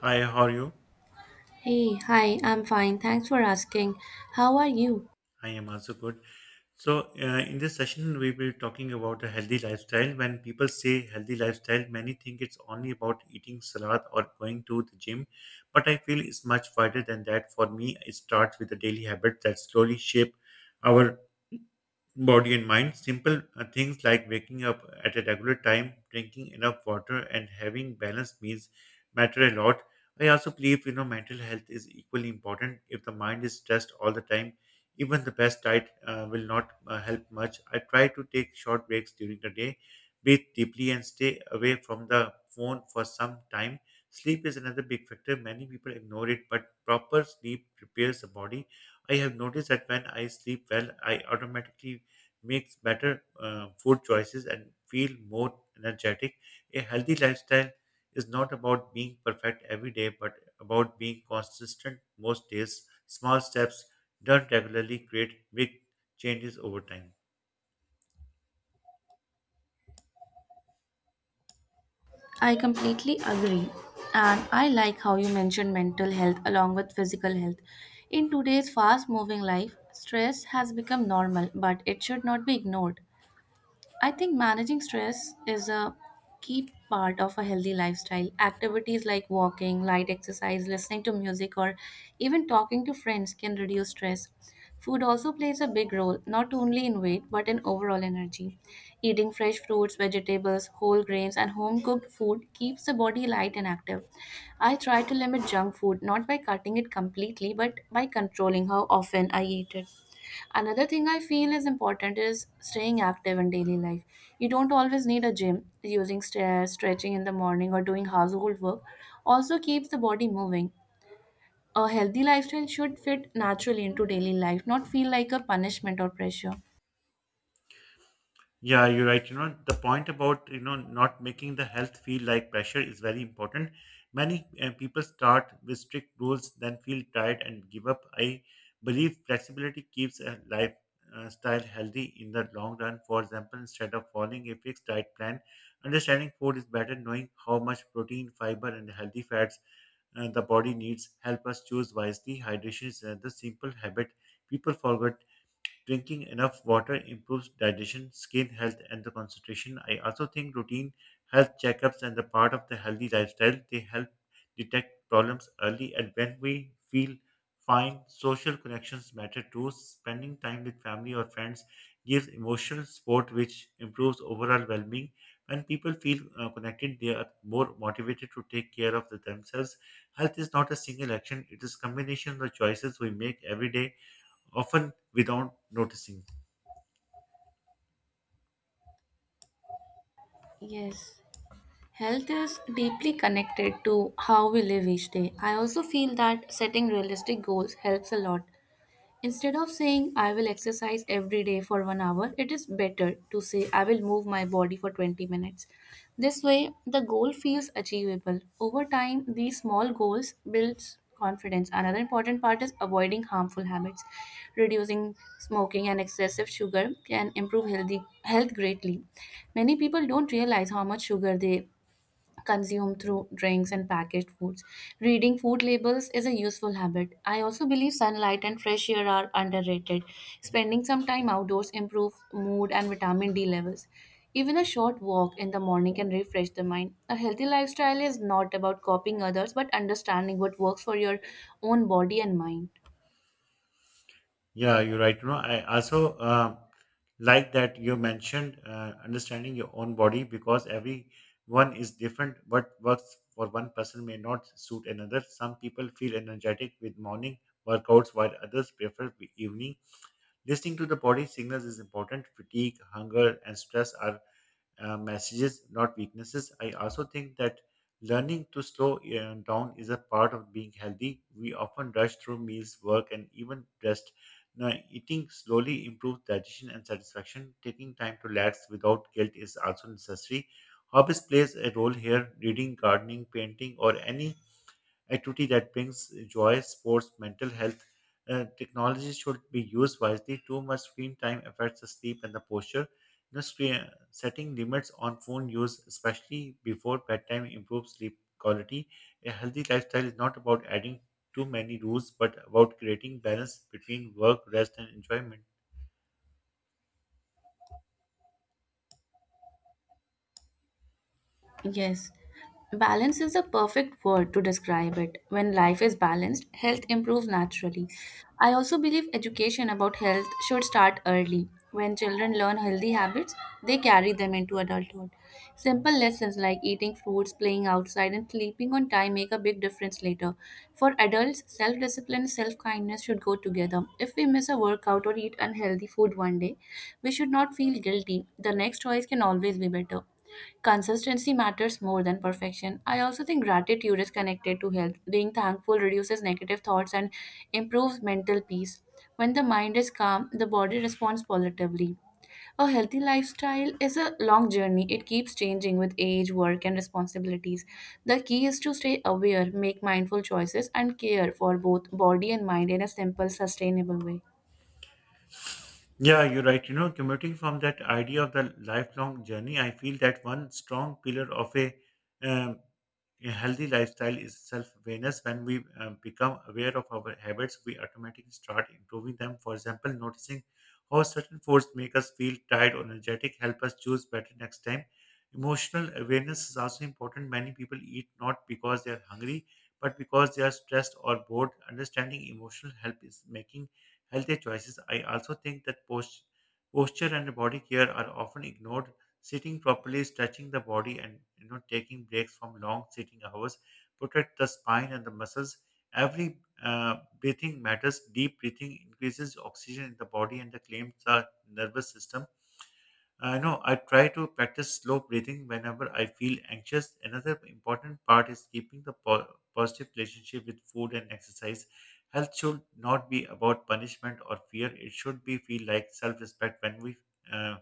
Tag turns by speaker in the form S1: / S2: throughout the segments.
S1: Hi, how are you?
S2: Hey, hi, I'm fine. Thanks for asking. How are you?
S1: I am also good. So, in this session, we will be talking about a healthy lifestyle. When people say healthy lifestyle, many think it's only about eating salad or going to the gym, but I feel it's much wider than that. For me, it starts with the daily habits that slowly shape our body and mind. Simple things like waking up at a regular time, drinking enough water, and having balanced meals matter a lot. I also believe mental health is equally important. If the mind is stressed all the time, even the best diet will not help much. I try to take short breaks during the day, breathe deeply, and stay away from the phone for some time. Sleep is another big factor. Many people ignore it, but proper sleep prepares the body. I have noticed that when I sleep well, I automatically makes better food choices and feel more energetic. A healthy lifestyle is not about being perfect every day, but about being consistent most days. Small steps done regularly create big changes over time.
S2: I completely agree. And I like how you mentioned mental health along with physical health. In today's fast moving life, stress has become normal, but it should not be ignored. I think managing stress is a key part of a healthy lifestyle. Activities like walking, light exercise, listening to music, or even talking to friends can reduce stress. Food also plays a big role, not only in weight, but in overall energy. Eating fresh fruits, vegetables, whole grains, and home cooked food keeps the body light and active. I try to limit junk food not by cutting it completely but by controlling how often I eat it. Another thing I feel is important is staying active in daily life. You don't always need a gym. Using stairs, stretching in the morning, or doing household work also keeps the body moving. A healthy lifestyle should fit naturally into daily life, not feel like a punishment or pressure.
S1: Yeah, you're right. You know, the point about, not making the health feel like pressure is very important. Many people start with strict rules, then feel tired and give up. I believe flexibility keeps a lifestyle healthy in the long run. For example, instead of following a fixed diet plan, understanding food is better, knowing how much protein, fiber, and healthy fats the body needs help us choose wisely. Hydration is another simple habit people forget. Drinking enough water improves digestion, skin health, and the concentration. I also think routine health checkups and the part of the healthy lifestyle they help detect problems early. And when we feel fine, social connections matter too. Spending time with family or friends gives emotional support, which improves overall well-being. When people feel connected, they are more motivated to take care of the themselves. Health is not a single action; it is combination of the choices we make every day, often without noticing.
S2: Yes. Health is deeply connected to how we live each day. I also feel that setting realistic goals helps a lot. Instead of saying I will exercise every day for 1 hour, it is better to say I will move my body for 20 minutes. This way, the goal feels achievable. Over time, these small goals builds confidence. Another important part is avoiding harmful habits. Reducing smoking and excessive sugar can improve healthy health greatly. Many people don't realize how much sugar they consumed through drinks and packaged foods. Reading food labels is a useful habit. I also believe sunlight and fresh air are underrated. Spending some time outdoors improves mood and vitamin D levels. Even a short walk in the morning can refresh the mind. A healthy lifestyle is not about copying others but understanding what works for your own body and mind.
S1: Yeah, you're right. You know, I also like that you mentioned understanding your own body because everyone is different. What works for one person may not suit another. Some people feel energetic with morning workouts, while others prefer the evening. Listening to the body signals is important. Fatigue, hunger, and stress are messages, not weaknesses. I also think that learning to slow down is a part of being healthy. We often rush through meals, work, and even rest. Now, eating slowly improves digestion and satisfaction. Taking time to relax without guilt is also necessary. Hobbies plays a role here. Reading, gardening, painting, or any activity that brings joy, sports, mental health. Technology should be used wisely. Too much screen time affects the sleep and the posture. You know, screen, setting limits on phone use, especially before bedtime, improves sleep quality. A healthy lifestyle is not about adding too many rules, but about creating balance between work, rest, and enjoyment.
S2: Yes, balance is the perfect word to describe it. When life is balanced, health improves naturally. I also believe education about health should start early. When children learn healthy habits, they carry them into adulthood. Simple lessons like eating fruits, playing outside, and sleeping on time make a big difference later. For adults, self discipline and self kindness should go together. If we miss a workout or eat unhealthy food one day, we should not feel guilty. The next choice can always be better. Consistency matters more than perfection. I also think gratitude is connected to health. Being thankful reduces negative thoughts and improves mental peace. When the mind is calm, the body responds positively. A healthy lifestyle is a long journey. It keeps changing with age, work, and responsibilities. The key is to stay aware, make mindful choices, and care for both body and mind in a simple, sustainable way.
S1: Yeah, you're right. You know, commuting from that idea of the lifelong journey, I feel that one strong pillar of um, a healthy lifestyle is self awareness. When we become aware of our habits, we automatically start improving them. For example, noticing how certain foods make us feel tired or energetic help us choose better next time. Emotional awareness is also important. Many people eat not because they are hungry, but because they are stressed or bored. Understanding emotional help is making healthier choices. I also think that posture and body care are often ignored. Sitting properly, stretching the body, and taking breaks from long sitting hours protect the spine and the muscles. Every breathing matters. Deep breathing increases oxygen in the body and the claims the nervous system. I know I try to practice slow breathing whenever I feel anxious. Another important part is keeping the positive relationship with food and exercise. Health should not be about punishment or fear. It should be feel like self-respect. When we uh,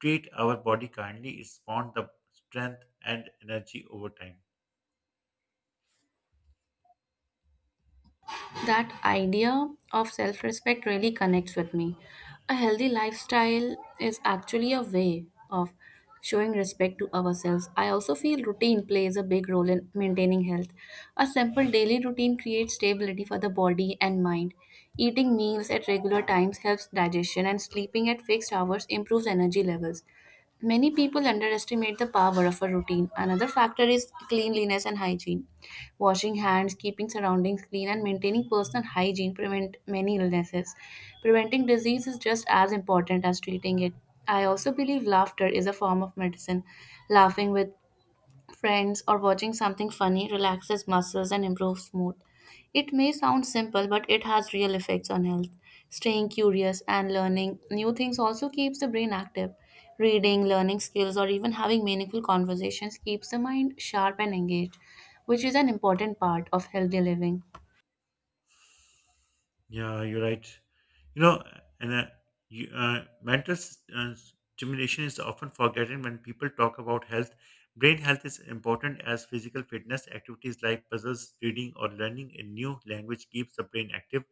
S1: treat our body kindly, it spawns the strength and energy over time.
S2: That idea of self respect really connects with me. A healthy lifestyle is actually a way of showing respect to ourselves. I also feel routine plays a big role in maintaining health. A simple daily routine creates stability for the body and mind. Eating meals at regular times helps digestion, and sleeping at fixed hours improves energy levels. Many people underestimate the power of a routine. Another factor is cleanliness and hygiene washing hands, keeping surroundings clean, and maintaining personal hygiene prevent many illnesses. Preventing disease is just as important as treating it. I also believe laughter is a form of medicine. Laughing with friends, or watching something funny relaxes muscles and improves mood. It may sound simple, but it has real effects on health. Staying curious and learning new things also keeps the brain active. Reading, learning skills, or even having meaningful conversations keeps the mind sharp and engaged, which is an important part of healthy living.
S1: Yeah, you're right. You know, and uh, you, uh, mental s- uh, stimulation is often forgotten when people talk about health. Brain health is important as physical fitness. Activities like puzzles, reading, or learning a new language keeps the brain active.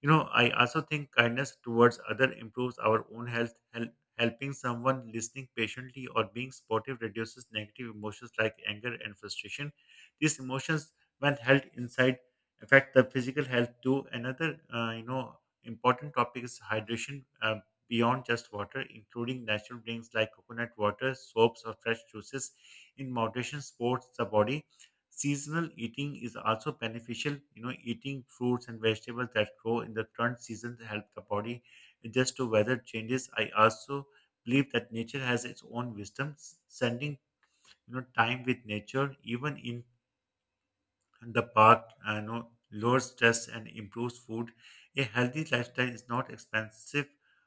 S1: You know, I also think kindness towards other improves our own health. Helping someone, listening patiently, or being supportive reduces negative emotions like anger and frustration. These emotions, when held inside, affect the physical health too. Another important topic is hydration. Beyond just water, including natural drinks like coconut water, soaps, or fresh juices, in moderation supports the body. Seasonal eating is also beneficial, eating fruits and vegetables that grow in the current season to help the body adjust to weather changes. I also believe that nature has its own wisdom. S- sending time with nature, even in the park, lowers stress and improves food. A healthy lifestyle is not expensive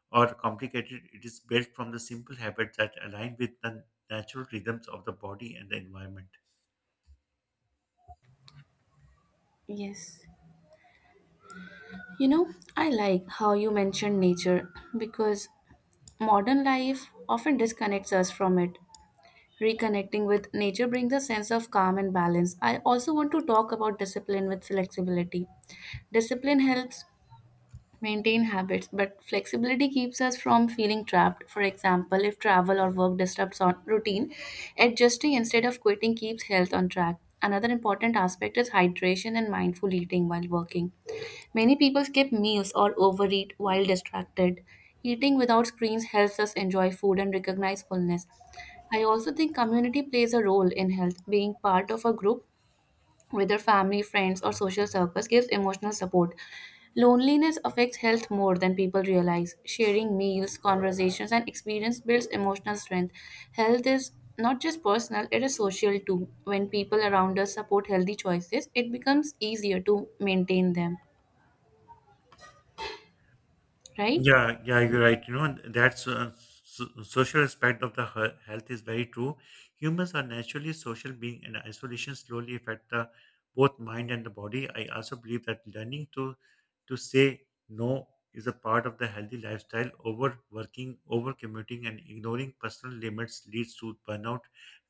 S1: or complicated. It is built from the simple habits that align with the natural rhythms of the body and the environment.
S2: Yes. You know, I like how you mentioned nature because modern life often disconnects us from it. Reconnecting with nature brings a sense of calm and balance. I also want to talk about discipline with flexibility. Discipline helps maintain habits, but flexibility keeps us from feeling trapped. For example, if travel or work disrupts our routine, adjusting instead of quitting keeps health on track. Another important aspect is hydration and mindful eating while working. Many people skip meals or overeat while distracted. Eating without screens helps us enjoy food and recognize fullness. I also think community plays a role in health. Being part of a group, whether family, friends, or social circles, gives emotional support. Loneliness affects health more than people realize. Sharing meals, conversations, and experience builds emotional strength. Health is not just personal, it is social too. When people around us support healthy choices, it becomes easier to maintain them, right?
S1: Yeah, you're right. You know, and that's social aspect of the health is very true. Humans are naturally social being, and isolation slowly affect the both mind and the body. I also believe that learning to say no is a part of the healthy lifestyle. Overworking, overcommuting, and ignoring personal limits leads to burnout.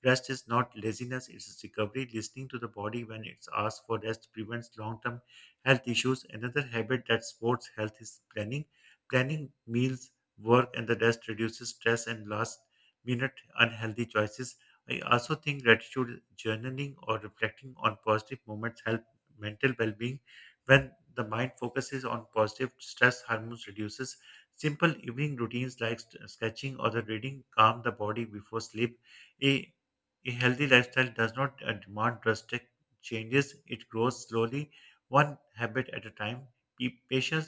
S1: Rest is not laziness; it is recovery. Listening to the body when it's asked for rest prevents long-term health issues. Another habit that supports health is Planning meals, work, and the rest reduces stress and last minute unhealthy choices. I also think gratitude journaling or reflecting on positive moments help mental well being. When the mind focuses on positive, stress hormones reduces. Simple evening routines like sketching or the reading calm the body before sleep. A, a healthy lifestyle does not demand drastic changes, it grows slowly, one habit at a time. Be patient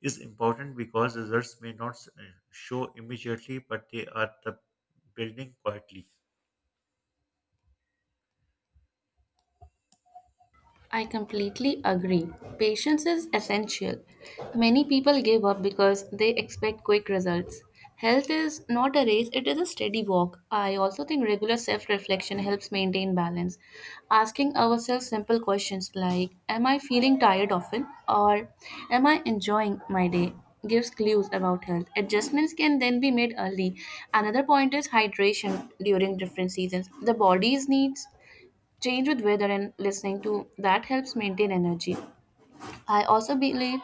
S1: is important because results may not show immediately, but they are the building quietly.
S2: I completely agree. Patience is essential. Many people give up because they expect quick results. Health is not a race, it is a steady walk. I also think regular self reflection helps maintain balance. Asking ourselves simple questions like am I feeling tired often? Or am I enjoying my day? Gives clues about health. Adjustments can then be made early. Another point is hydration during different seasons. The body's needs change with weather and listening to that helps maintain energy. I also believe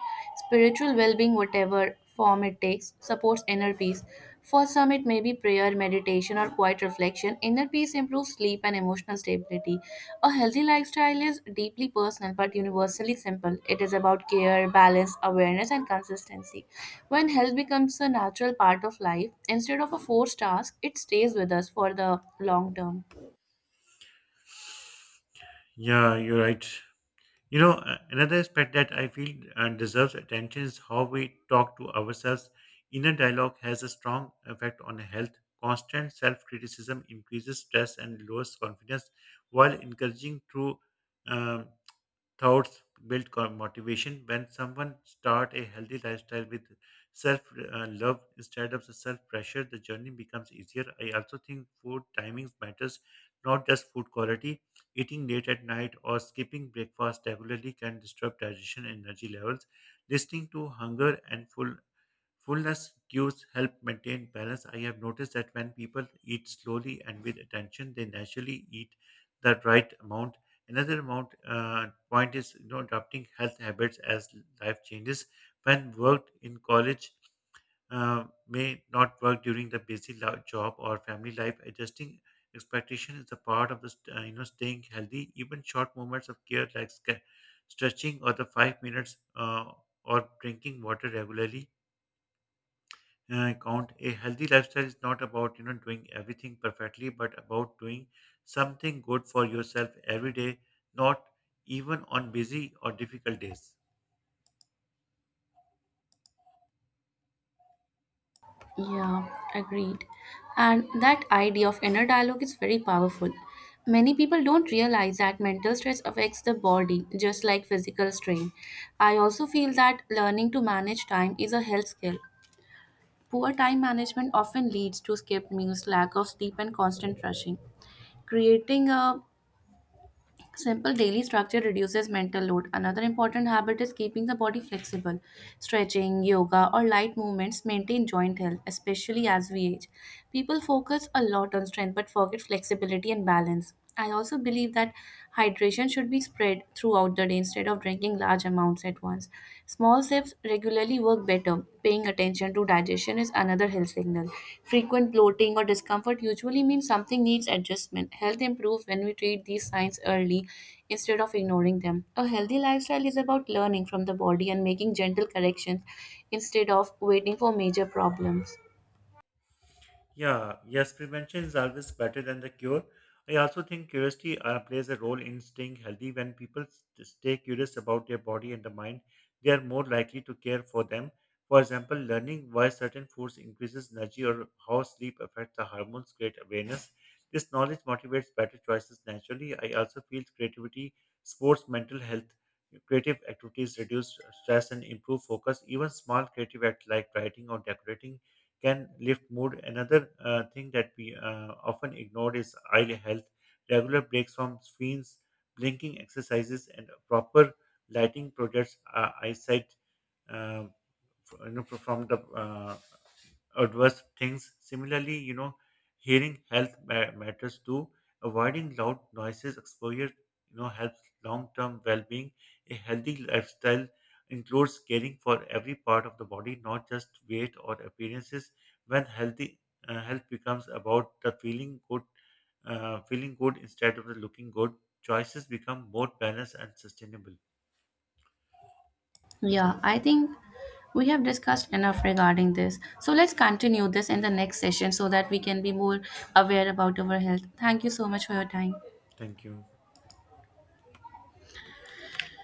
S2: spiritual well being, whatever form it takes, supports inner peace. For some, it may be prayer, meditation, or quiet reflection. Inner peace improves sleep and emotional stability. A healthy lifestyle is deeply personal but universally simple. It is about care, balance, awareness, and consistency. When health becomes a natural part of life instead of a forced task, it stays with us for the long term.
S1: Yeah, you're right. Another aspect that I feel deserves attention is how we talk to ourselves. Inner dialogue has a strong effect on health. Constant self criticism increases stress and lowers confidence, while encouraging true um, thoughts build motivation. When someone start a healthy lifestyle with self love instead of the self pressure, the journey becomes easier. I also think food timings matters, not just food quality. Eating late at night or skipping breakfast regularly can disturb digestion and energy levels. Listening to hunger and Fullness cues help maintain balance. I have noticed that when people eat slowly and with attention, they naturally eat the right amount. Another amount point is, you know, adopting health habits as life changes. When worked in college, may not work during the busy job or family life. Adjusting expectation is a part of the staying healthy. Even short moments of care like stretching or the 5 minutes or drinking water regularly count. A healthy lifestyle is not about, doing everything perfectly, but about doing something good for yourself every day, not even on busy or difficult days.
S2: Yeah, agreed. And that idea of inner dialogue is very powerful. Many people don't realize that mental stress affects the body just like physical strain. I also feel that learning to manage time is a health skill. Poor time management often leads to skipped meals, lack of sleep, and constant rushing. Creating a simple daily structure reduces mental load. Another important habit is keeping the body flexible. Stretching, yoga, or light movements maintain joint health, especially as we age. People focus a lot on strength but forget flexibility and balance. I also believe that hydration should be spread throughout the day instead of drinking large amounts at once. Small sips regularly work better. Paying attention to digestion is another health signal. Frequent bloating or discomfort usually means something needs adjustment. Health improves when we treat these signs early instead of ignoring them. A healthy lifestyle is about learning from the body and making gentle corrections instead of waiting for major problems.
S1: Yeah, yes, prevention is always better than the cure. I also think curiosity plays a role in staying healthy. When people stay curious about their body and the mind, they are more likely to care for them. For example, learning why certain foods increases energy or how sleep affects the hormones create awareness. This knowledge motivates better choices naturally. I also feel creativity, sports, mental health, creative activities reduce stress and improve focus. Even small creative acts like writing or decorating can lift mood. Another thing that we often ignore is eye health. Regular breaks from screens, blinking exercises, and proper lighting projects eyesight, uh, f- from the adverse things. Similarly, you know, hearing health matters too. Avoiding loud noises exposure, you know, helps long-term well-being. A healthy lifestyle includes caring for every part of the body, not just weight or appearances. When health becomes about the feeling good instead of the looking good, choices become more balanced and sustainable.
S2: Yeah, I think we have discussed enough regarding this. So let's continue this in the next session so that we can be more aware about our health. Thank you so much for your time.
S1: Thank you.